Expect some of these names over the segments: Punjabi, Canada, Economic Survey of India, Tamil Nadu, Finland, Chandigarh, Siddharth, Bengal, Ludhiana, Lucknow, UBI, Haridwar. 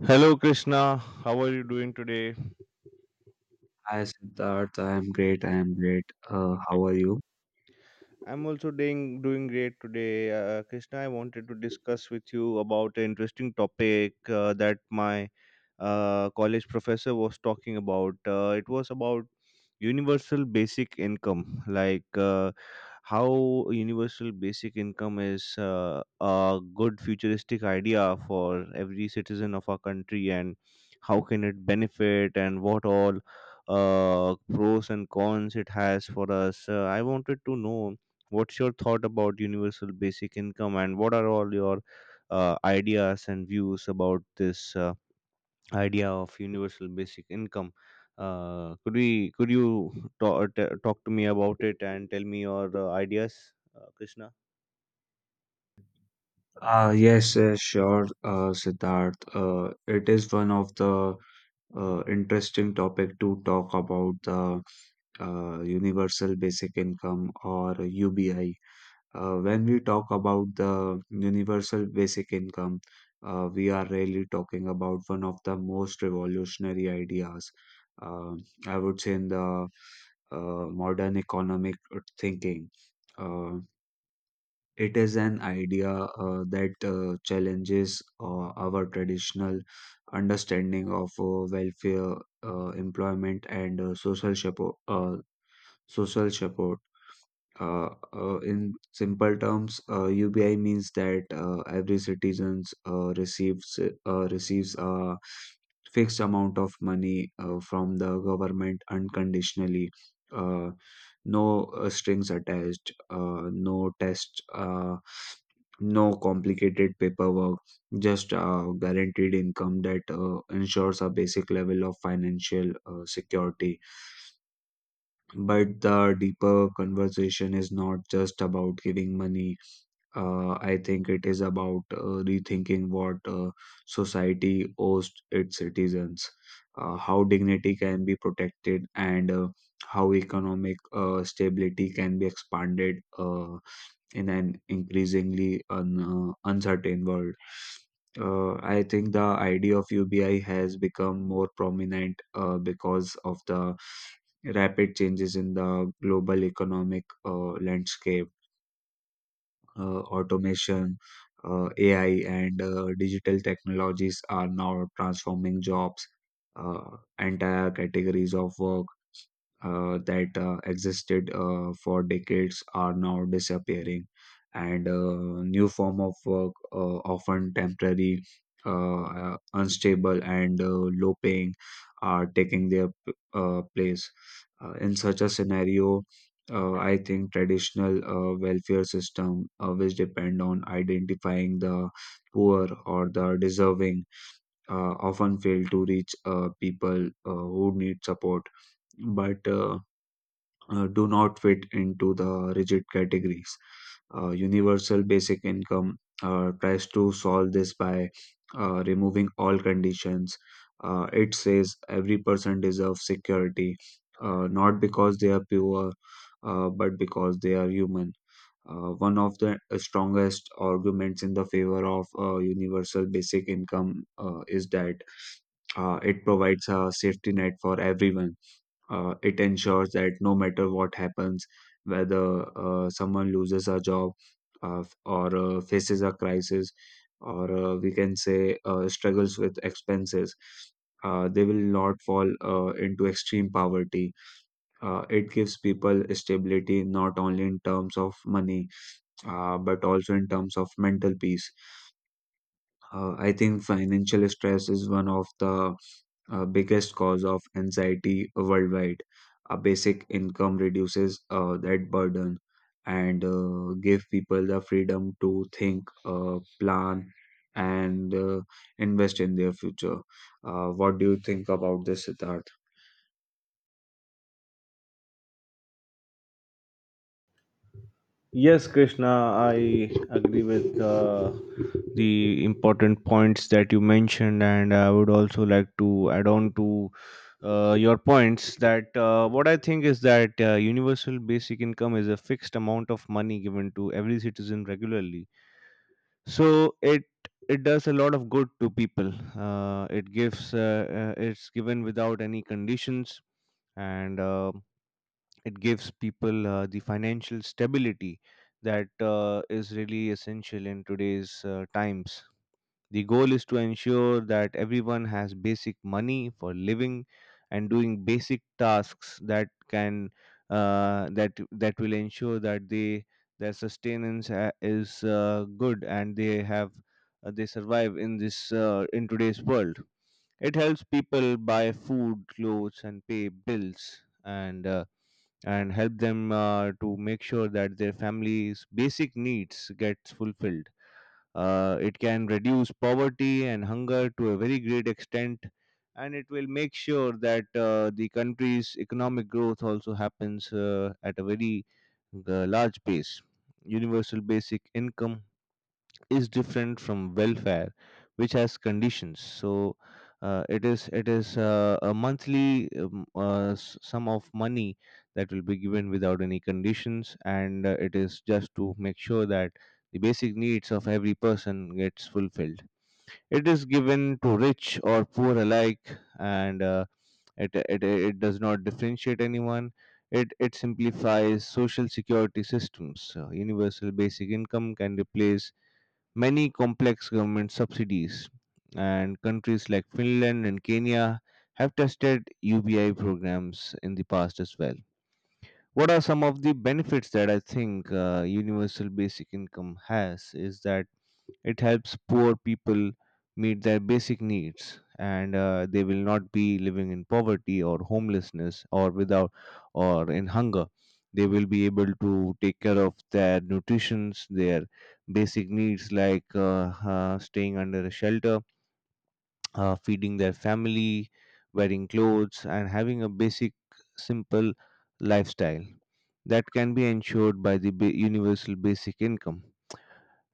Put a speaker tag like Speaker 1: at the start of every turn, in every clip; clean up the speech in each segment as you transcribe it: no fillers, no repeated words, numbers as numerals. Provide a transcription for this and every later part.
Speaker 1: Hello, Krishna. How are you doing today?
Speaker 2: Hi Siddharth, I am great. How are you?
Speaker 1: I'm also doing great today, Krishna. I wanted to discuss with you about an interesting topic that my college professor was talking about. It was about universal basic income, like how universal basic income is a good futuristic idea for every citizen of our country, and how can it benefit, and what all pros and cons it has for us. I wanted to know what's your thought about universal basic income, and what are all your ideas and views about this idea of universal basic income? Could we could you talk to me about it and tell me your ideas, Krishna?
Speaker 2: Yes, sure, Siddharth. It is one of the interesting topic to talk about the universal basic income or UBI. When we talk about the universal basic income, we are really talking about one of the most revolutionary ideas, uh, I would say, in the modern economic thinking. Uh, it is an idea that challenges our traditional understanding of welfare, employment, and social support. Social support. In simple terms, UBI means that every citizens receives a fixed amount of money from the government unconditionally. Uh, no strings attached, no test, no complicated paperwork, just guaranteed income that ensures a basic level of financial security. But the deeper conversation is not just about giving money. I think it is about rethinking what society owes its citizens, how dignity can be protected, and how economic stability can be expanded. In an increasingly uncertain world. I think the idea of UBI has become more prominent because of the rapid changes in the global economic landscape. Automation, AI, and digital technologies are now transforming jobs, uh, entire categories of work that existed for decades are now disappearing and new form of work often temporary unstable and low paying are taking their place . In such a scenario, I think traditional welfare system which depend on identifying the poor or the deserving often fail to reach people who need support, but do not fit into the rigid categories. Universal basic income tries to solve this by removing all conditions. It says every person deserves security, not because they are pure, but because they are human. One of the strongest arguments in the favor of universal basic income is that it provides a safety net for everyone. It ensures that no matter what happens, whether someone loses a job, or faces a crisis, or we can say struggles with expenses, they will not fall into extreme poverty. It gives people stability not only in terms of money but also in terms of mental peace. I think financial stress is one of the biggest cause of anxiety worldwide. A basic income reduces that burden and give people the freedom to think, plan, and invest in their future. What do you think about this, Siddharth?
Speaker 1: Yes, Krishna, I agree with the important points that you mentioned, and I would also like to add on to your points that what I think is that universal basic income is a fixed amount of money given to every citizen regularly. So it does a lot of good to people. It gives it's given without any conditions and it gives people the financial stability that is really essential in today's times. The goal is to ensure that everyone has basic money for living and doing basic tasks that that will ensure that they their sustenance is good and they have they survive in today's world. It helps people buy food, clothes, and pay bills, and help them to make sure that their family's basic needs gets fulfilled. It can reduce poverty and hunger to a very great extent, and it will make sure that the country's economic growth also happens at a very large pace. Universal basic income is different from welfare which has conditions, so it is a monthly sum of money that will be given without any conditions, and it is just to make sure that the basic needs of every person gets fulfilled. It is given to rich or poor alike, and it does not differentiate anyone. It simplifies social security systems. Universal basic income can replace many complex government subsidies, and countries like Finland and Kenya have tested UBI programs in the past as well. What are some of the benefits that I think universal basic income has is that it helps poor people meet their basic needs, and they will not be living in poverty or homelessness or without or in hunger. They will be able to take care of their nutritions, their basic needs like staying under a shelter, feeding their family, wearing clothes and having a basic simple lifestyle that can be ensured by the universal basic income.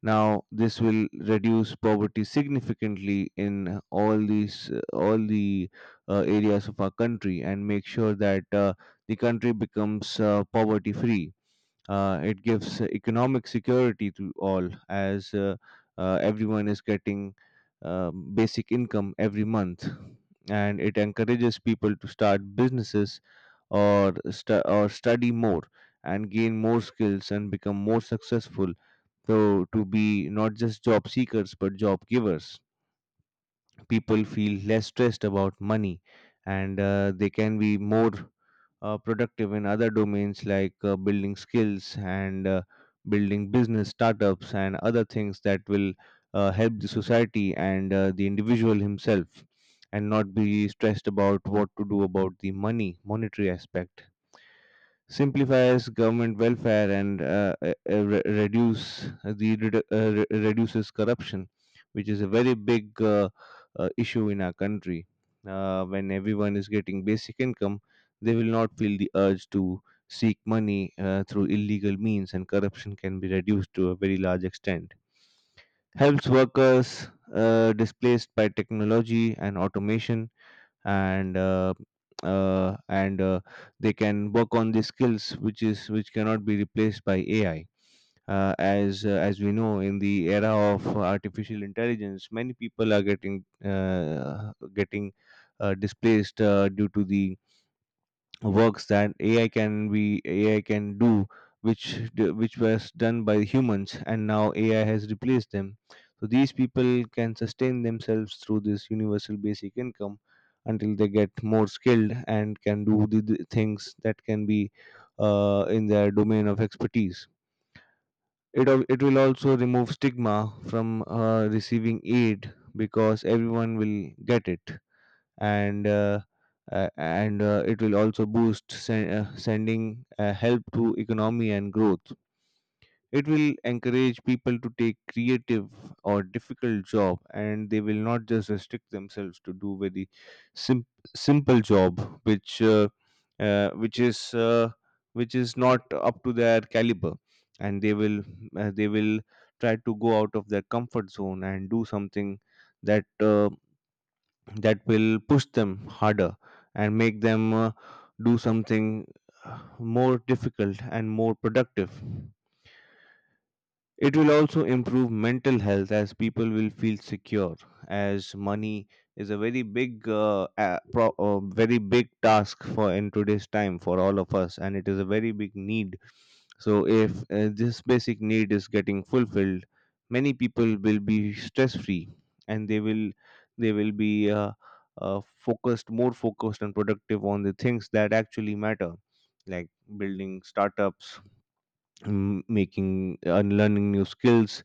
Speaker 1: Now, this will reduce poverty significantly in all the areas of our country and make sure that the country becomes poverty free. It gives economic security to all, as everyone is getting basic income every month, and it encourages people to start businesses or study more and gain more skills and become more successful, so to be not just job seekers but job givers. People feel less stressed about money, and they can be more productive in other domains like building skills and building business startups and other things that will help the society and the individual himself, and not be stressed about what to do about the money monetary aspect. Simplifies government welfare and re- reduce the redu- re- reduces corruption, which is a very big issue in our country. When everyone is getting basic income, they will not feel the urge to seek money through illegal means, and corruption can be reduced to a very large extent. Helps workers displaced by technology and automation, and uh, and they can work on the skills which cannot be replaced by AI. As we know, in the era of artificial intelligence, many people are getting displaced due to the works that AI can be AI can do, which which was done by humans, and now AI has replaced them. So these people can sustain themselves through this universal basic income until they get more skilled and can do the things that can be in their domain of expertise. It will also remove stigma from receiving aid because everyone will get it, and uh, and it will also boost sending help to economy and growth. It will encourage people to take creative or difficult job, and they will not just restrict themselves to do very sim- simple job which uh, which is uh, which is not up to their caliber, and they will uh, they will try to go out of their comfort zone and do something that uh, that will push them harder and make them do something more difficult and more productive. It will also improve mental health as people will feel secure, as money is a very big, very big task for in today's time for all of us, and it is a very big need. So, if this basic need is getting fulfilled, many people will be stress free, and they will be more focused and productive on the things that actually matter, like building startups, making and learning new skills,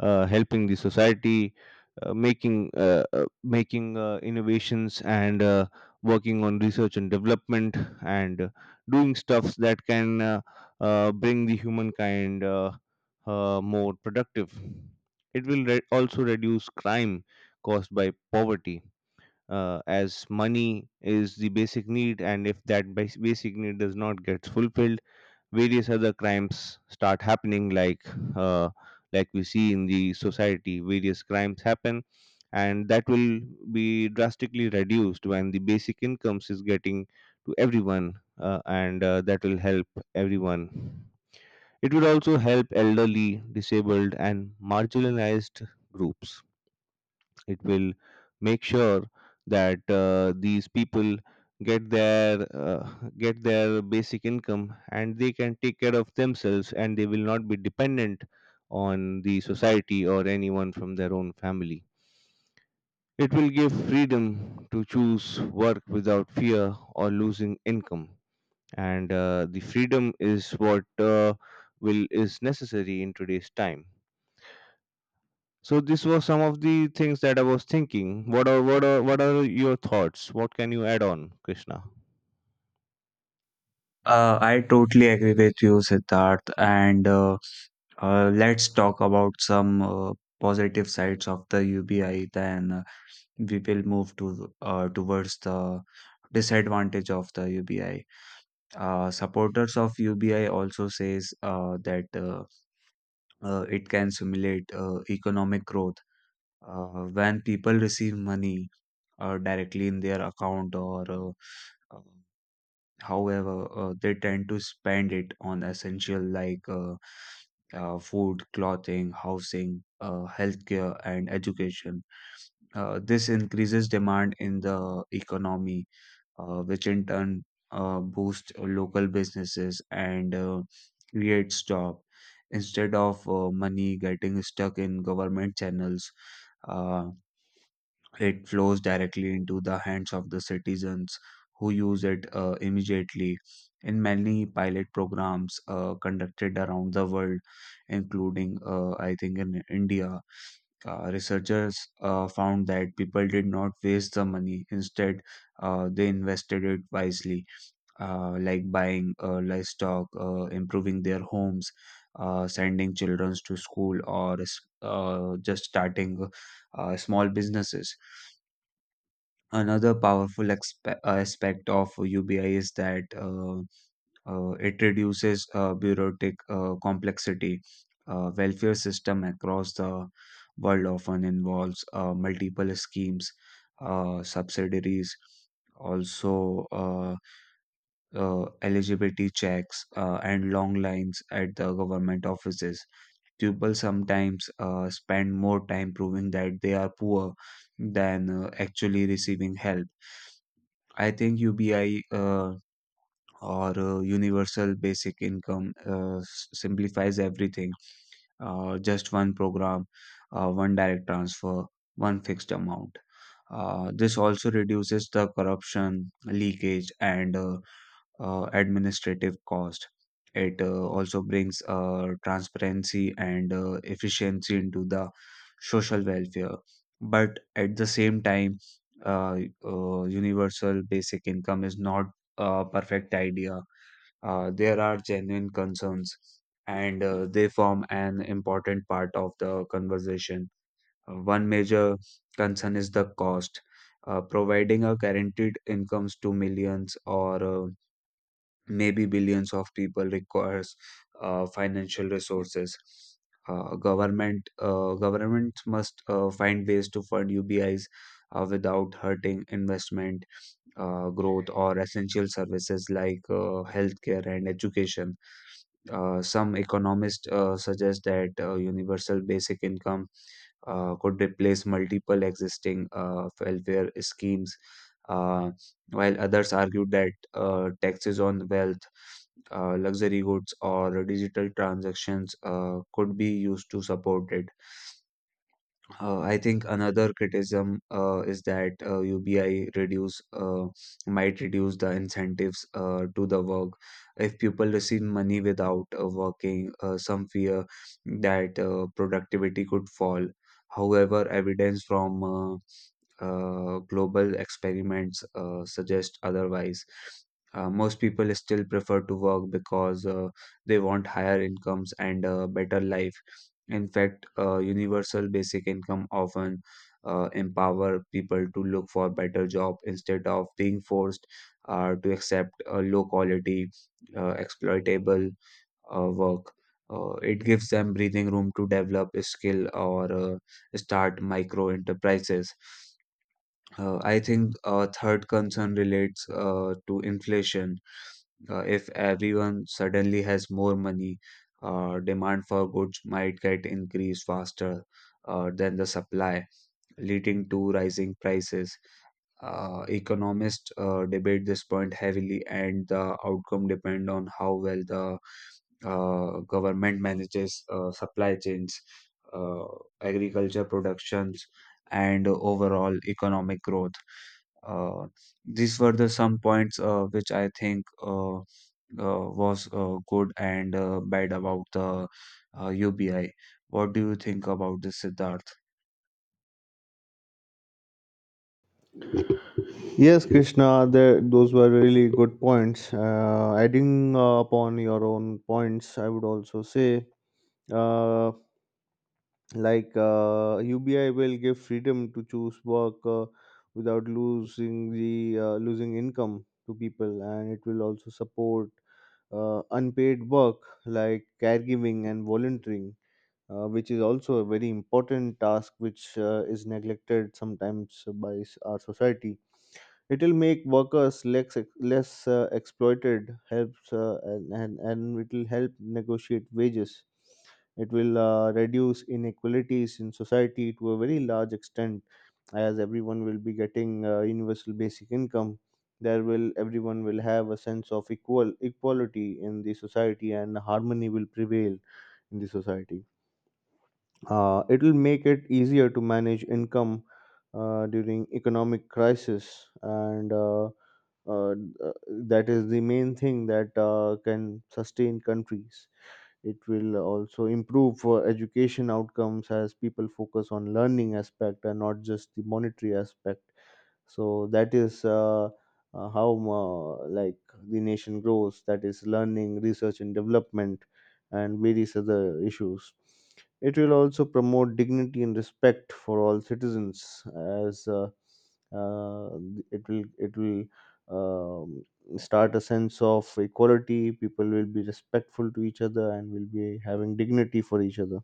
Speaker 1: helping the society, making innovations and working on research and development, and doing stuffs that can bring the humankind more productive. It will re- also reduce crime caused by poverty, as money is the basic need, and if that basic need does not get fulfilled, various other crimes start happening, uh, like we see in the society various crimes happen, and that will be drastically reduced when the basic incomes is getting to everyone, and that will help everyone. It would also help elderly disabled and marginalized groups. It will make sure that these people get their uh, get their basic income, and they can take care of themselves, and they will not be dependent on the society or anyone from their own family. It will give freedom to choose work without fear or losing income. And the freedom is what will is necessary in today's time. So this was some of the things that I was thinking. What are your thoughts? What can you add on, Krishna?
Speaker 2: I totally agree with you, Siddharth. And Let's talk about some positive sides of the UBI. Then we will move to towards the disadvantage of the UBI. Supporters of UBI also says that it can simulate economic growth when people receive money directly in their account, or uh, however they tend to spend it on essential like food, clothing, housing, healthcare, and education. This increases demand in the economy, which in turn boost local businesses and creates job, instead of money getting stuck in government channels. Uh, it flows directly into the hands of the citizens who use it immediately. In many pilot programs conducted around the world, including I think in india, researchers found that people did not waste the money. Instead, they invested it wisely, like buying livestock, improving their homes, sending children to school, or just starting small businesses. Another powerful aspect of UBI is that it reduces bureaucratic complexity. Welfare system across the world often involves multiple schemes, subsidiaries, also eligibility checks, and long lines at the government offices. People sometimes spend more time proving that they are poor than actually receiving help. I think UBI, or Universal Basic Income, simplifies everything. Just one program, one direct transfer, one fixed amount. This also reduces the corruption, leakage, and administrative cost. It also brings transparency and efficiency into the social welfare. But at the same time, uh, universal basic income is not a perfect idea. There are genuine concerns, and they form an important part of the conversation. One major concern is the cost. Providing a guaranteed incomes to millions, or maybe billions of people, requires financial resources. Uh, government governments must find ways to fund ubis without hurting investment, growth, or essential services like healthcare and education. Some economists suggest that universal basic income could replace multiple existing welfare schemes, uh, while others argued that taxes on wealth, luxury goods, or digital transactions could be used to support it. I think another criticism uh, is that uh, UBI reduce uh, might reduce the incentives to the work. If people receive money without working, some fear that productivity could fall. However, evidence from global experiments suggest otherwise. Most people still prefer to work because they want higher incomes and a better life. In fact, universal basic income often empower people to look for better job instead of being forced to accept low quality, exploitable work. It gives them breathing room to develop a skill or start micro enterprises. I think a third concern relates to inflation. If everyone suddenly has more money, demand for goods might get increased faster than the supply, leading to rising prices. Economists debate this point heavily, and the outcome depend on how well the government manages supply chains, uh, agriculture productions, and overall economic growth. Uh, these were the some points which I think was good and bad about the UBI. What do you think about this, Siddharth?
Speaker 1: Yes, Krishna, the, those were really good points. Adding upon your own points, I would also say. Uh, like UBI will give freedom to choose work without losing the losing income to people, and it will also support unpaid work like caregiving and volunteering, which is also a very important task which is neglected sometimes by our society. It will make workers less exploited helps, and, and it will help negotiate wages. It will reduce inequalities in society to a very large extent, as everyone will be getting universal basic income. There will Everyone will have a sense of equality in the society, and harmony will prevail in the society. It will make it easier to manage income during economic crisis, and uh, uh, that is the main thing that can sustain countries. It will also improve education outcomes as people focus on learning aspect and not just the monetary aspect. So that is how uh, like the nation grows, that is learning research and development and various other issues. It will also promote dignity and respect for all citizens, as uh, it will um, start a sense of equality. People will be respectful to each other and will be having dignity for each other.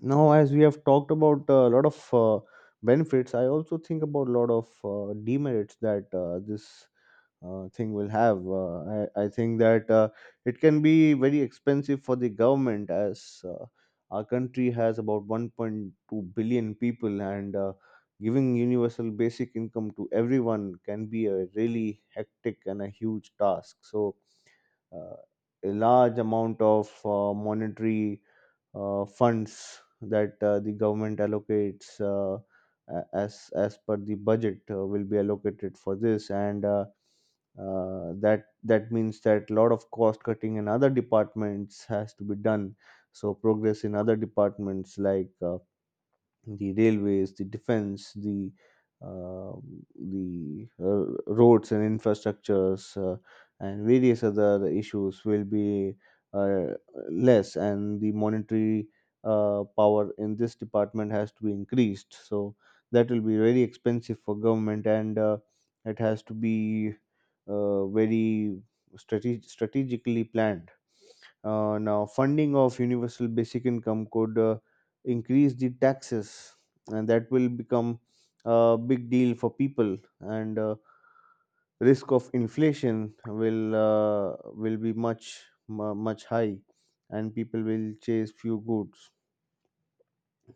Speaker 1: Now, as we have talked about a lot of benefits, I also think about a lot of demerits that this thing will have. I think that it can be very expensive for the government, as our country has about 1.2 billion people, and giving universal basic income to everyone can be a really hectic and a huge task. So, uh, a large amount of monetary funds that the government allocates as per the budget will be allocated for this and that means that a lot of cost cutting in other departments has to be done, so progress in other departments like the railways, the defense, um the roads and infrastructures, and various other issues will be uh, less, and the monetary power in this department has to be increased. So that will be very expensive for government, and it has to be very strategically planned. Now, funding of universal basic income could increase the taxes, and that will become a big deal for people. And risk of inflation will be much much high, and people will chase few goods.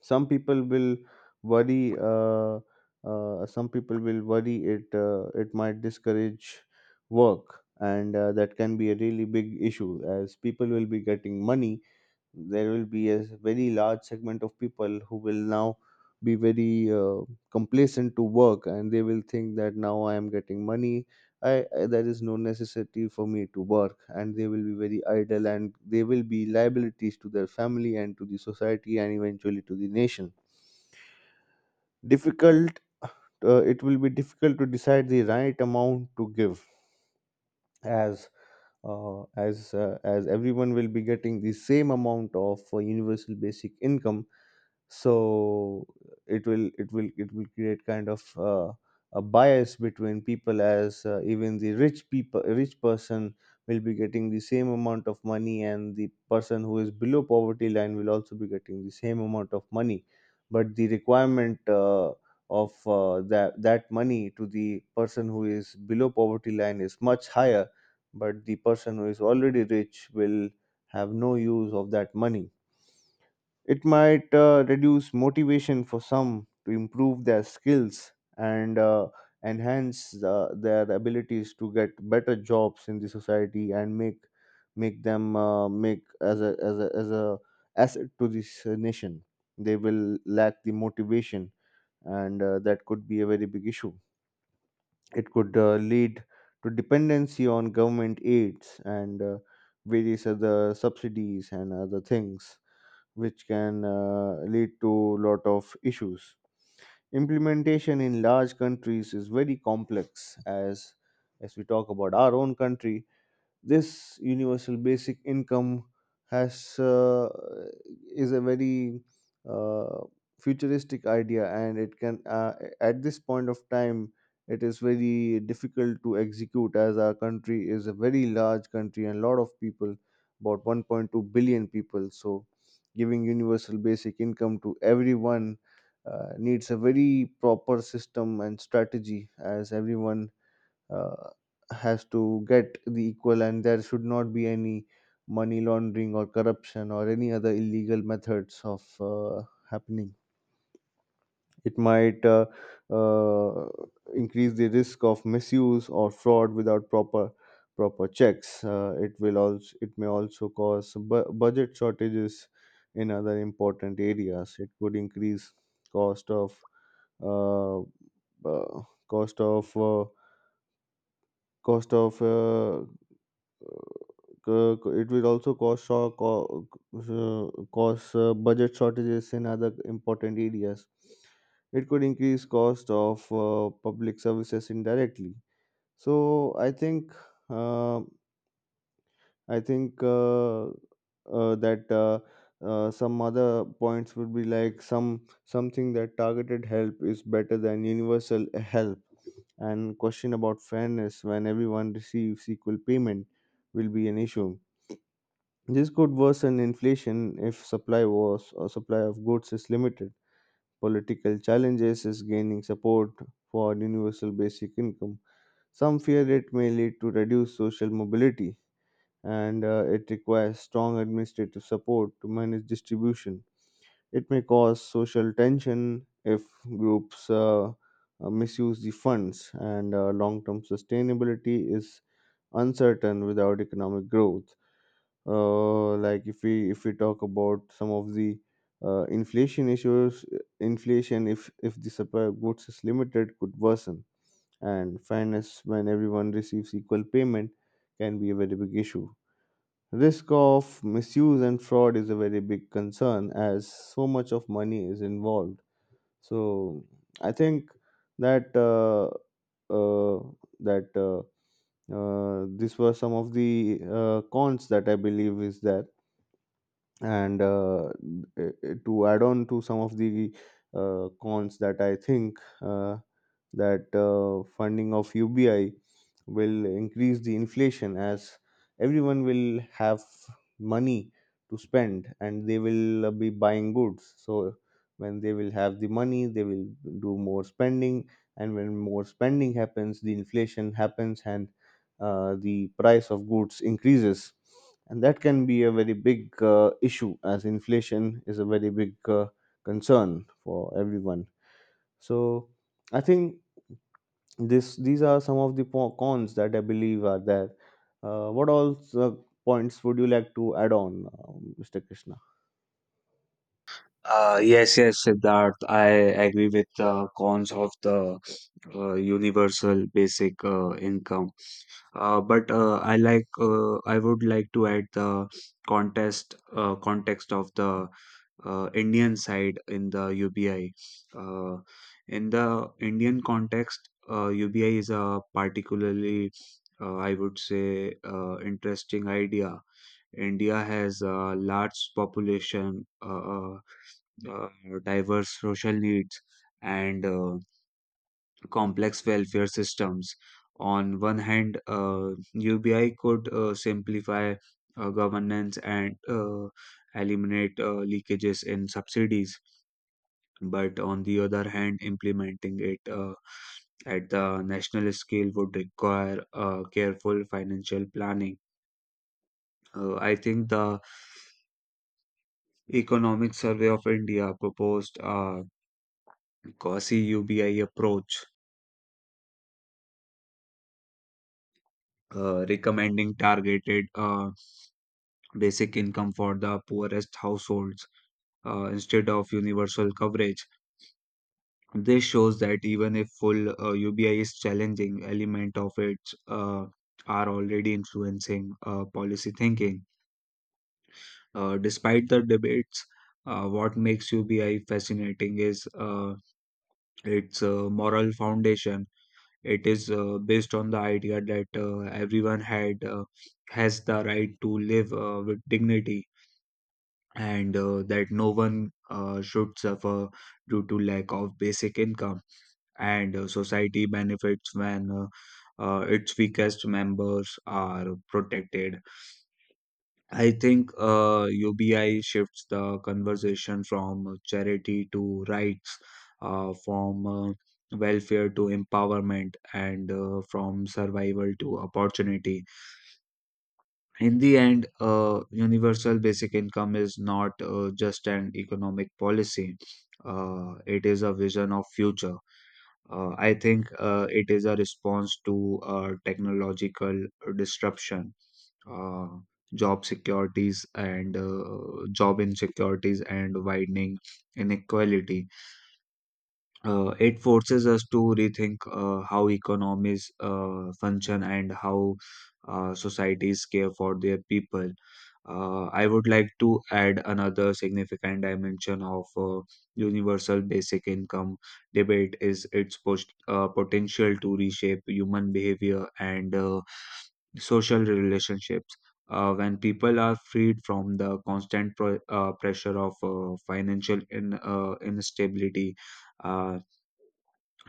Speaker 1: Some people will worry. Some people will worry, it might discourage work, and that can be a really big issue as people will be getting money. There will be a very large segment of people who will now be very complacent to work, and they will think that now I am getting money. I There is no necessity for me to work, and they will be very idle, and they will be liabilities to their family and to the society and eventually to the nation. Difficult uh, it will be difficult to decide the right amount to give, as as everyone will be getting the same amount of universal basic income. So it will create kind of a bias between people, as even the rich person will be getting the same amount of money, and the person who is below poverty line will also be getting the same amount of money. But the requirement of that money to the person who is below poverty line is much higher, but the person who is already rich will have no use of that money. It might reduce motivation for some to improve their skills, and enhance their abilities to get better jobs in the society, and make make them make as a asset to this nation. They will lack the motivation, and that could be a very big issue. It could lead to dependency on government aids and various other subsidies and other things, which can lead to lot of issues. Implementation in large countries is very complex. As we talk about our own country, this universal basic income has is a very uh, futuristic idea, and it can, at this point of time, it is very difficult to execute, as our country is a very large country and a lot of people, about 1.2 billion people. So giving universal basic income to everyone needs a very proper system and strategy, as everyone uh, has to get the equal, and there should not be any money laundering or corruption or any other illegal methods of happening. It might uh, increase the risk of misuse or fraud without proper checks. It will also, it may also cause budget shortages in other important areas. It could increase cost of, uh, uh, cost of uh, cost of uh, it will also cause shock, or uh, cause budget shortages in other important areas. It could increase cost of public services indirectly. So I think, uh, I think that some other points would be like something that targeted help is better than universal help, and question about fairness when everyone receives equal payment will be an issue. This could worsen inflation if supply wars or supply of goods is limited. Political challenges is gaining support for universal basic income. Some fear it may lead to reduced social mobility, and it requires strong administrative support to manage distribution. It may cause social tension if groups misuse the funds, and long-term sustainability is uncertain without economic growth. Like, if we talk about some of the inflation issues, inflation, if the supply of goods is limited, could worsen, and fairness when everyone receives equal payment can be a very big issue. Risk of misuse and fraud is a very big concern, as so much of money is involved. So I think that uh, that these were some of the cons that I believe is there. And to add on to some of the cons that I think, that funding of UBI will increase the inflation, as everyone will have money to spend, and they will be buying goods. So when they will have the money, they will do more spending, and when more spending happens, the inflation happens, and the price of goods increases, and that can be a very big issue, as inflation is a very big concern for everyone. So I think this these are some of the cons that I believe are there. What all points would you like to add on, Mr. Krishna?
Speaker 2: Yes, yes, Siddharth. I agree with the cons of the universal basic income. But I would like to add the contest context of the Indian side in the UBI. Uh, in the Indian context, UBI is a particularly I would say interesting idea. India has a large population. Uh, diverse social needs and complex welfare systems. On one hand, UBI could simplify governance and eliminate leakages in subsidies, but on the other hand, implementing it at the national scale would require careful financial planning. I think the Economic Survey of India proposed a quasi UBI approach, recommending targeted basic income for the poorest households instead of universal coverage. This shows that even if full UBI is challenging, element of it uh, are already influencing policy thinking. Despite the debates, what makes UBI fascinating is its moral foundation. It is based on the idea that everyone had has the right to live with dignity and that no one should suffer due to lack of basic income, and society benefits when its weakest members are protected. I think ubi shifts the conversation from charity to rights, from welfare to empowerment, and from survival to opportunity. In the end, universal basic income is not just an economic policy. It is a vision of future. I think it is a response to technological disruption, uh, job securities and job insecurities and widening inequality. It forces us to rethink how economies function and how societies care for their people. I would like to add another significant dimension of universal basic income debate is its potential to reshape human behavior and social relationships. When people are freed from the constant pressure of financial instability, uh,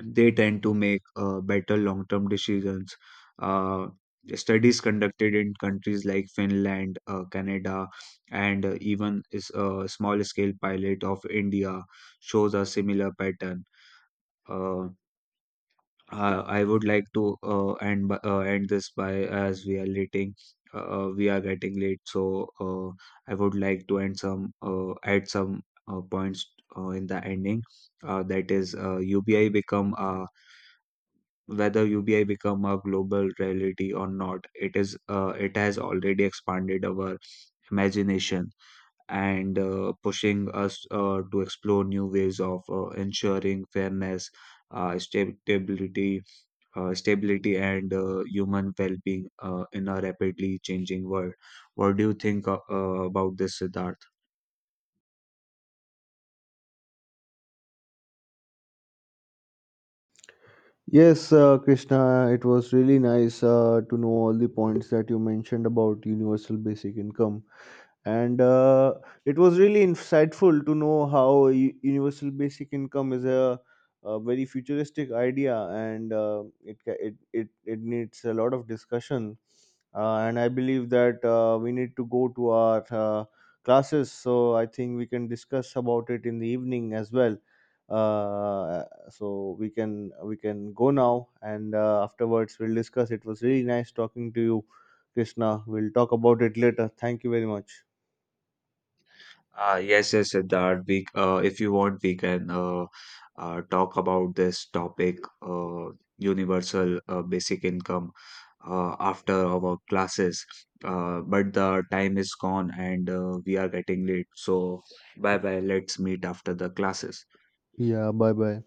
Speaker 2: they tend to make better long term decisions. Uh, studies conducted in countries like Finland, Canada, and even is a small scale pilot of India shows a similar pattern. Uh, I would like to end this by, as we are lating, we are getting late. So I would like to end some add some points in the ending. That is, uh, UBI become a whether UBI become a global reality or not, it is it has already expanded our imagination and pushing us to explore new ways of ensuring fairness, stability, and human well-being in a rapidly changing world. What do you think about this, Siddharth?
Speaker 1: Yes, Krishna, it was really nice to know all the points that you mentioned about universal basic income, and it was really insightful to know how universal basic income is a very futuristic idea, and it, it needs a lot of discussion. And I believe that we need to go to our classes, so I think we can discuss about it in the evening as well. uh, so we can go now, and afterwards we'll discuss. It was really nice talking to you, Krishna. We'll talk about it later. Thank you very much.
Speaker 2: Yes, yes, Siddharth. If you want, we can talk about this topic, universal basic income, after our classes. But the time is gone and we are getting late. So, bye bye. Let's meet after the classes.
Speaker 1: Yeah, bye bye.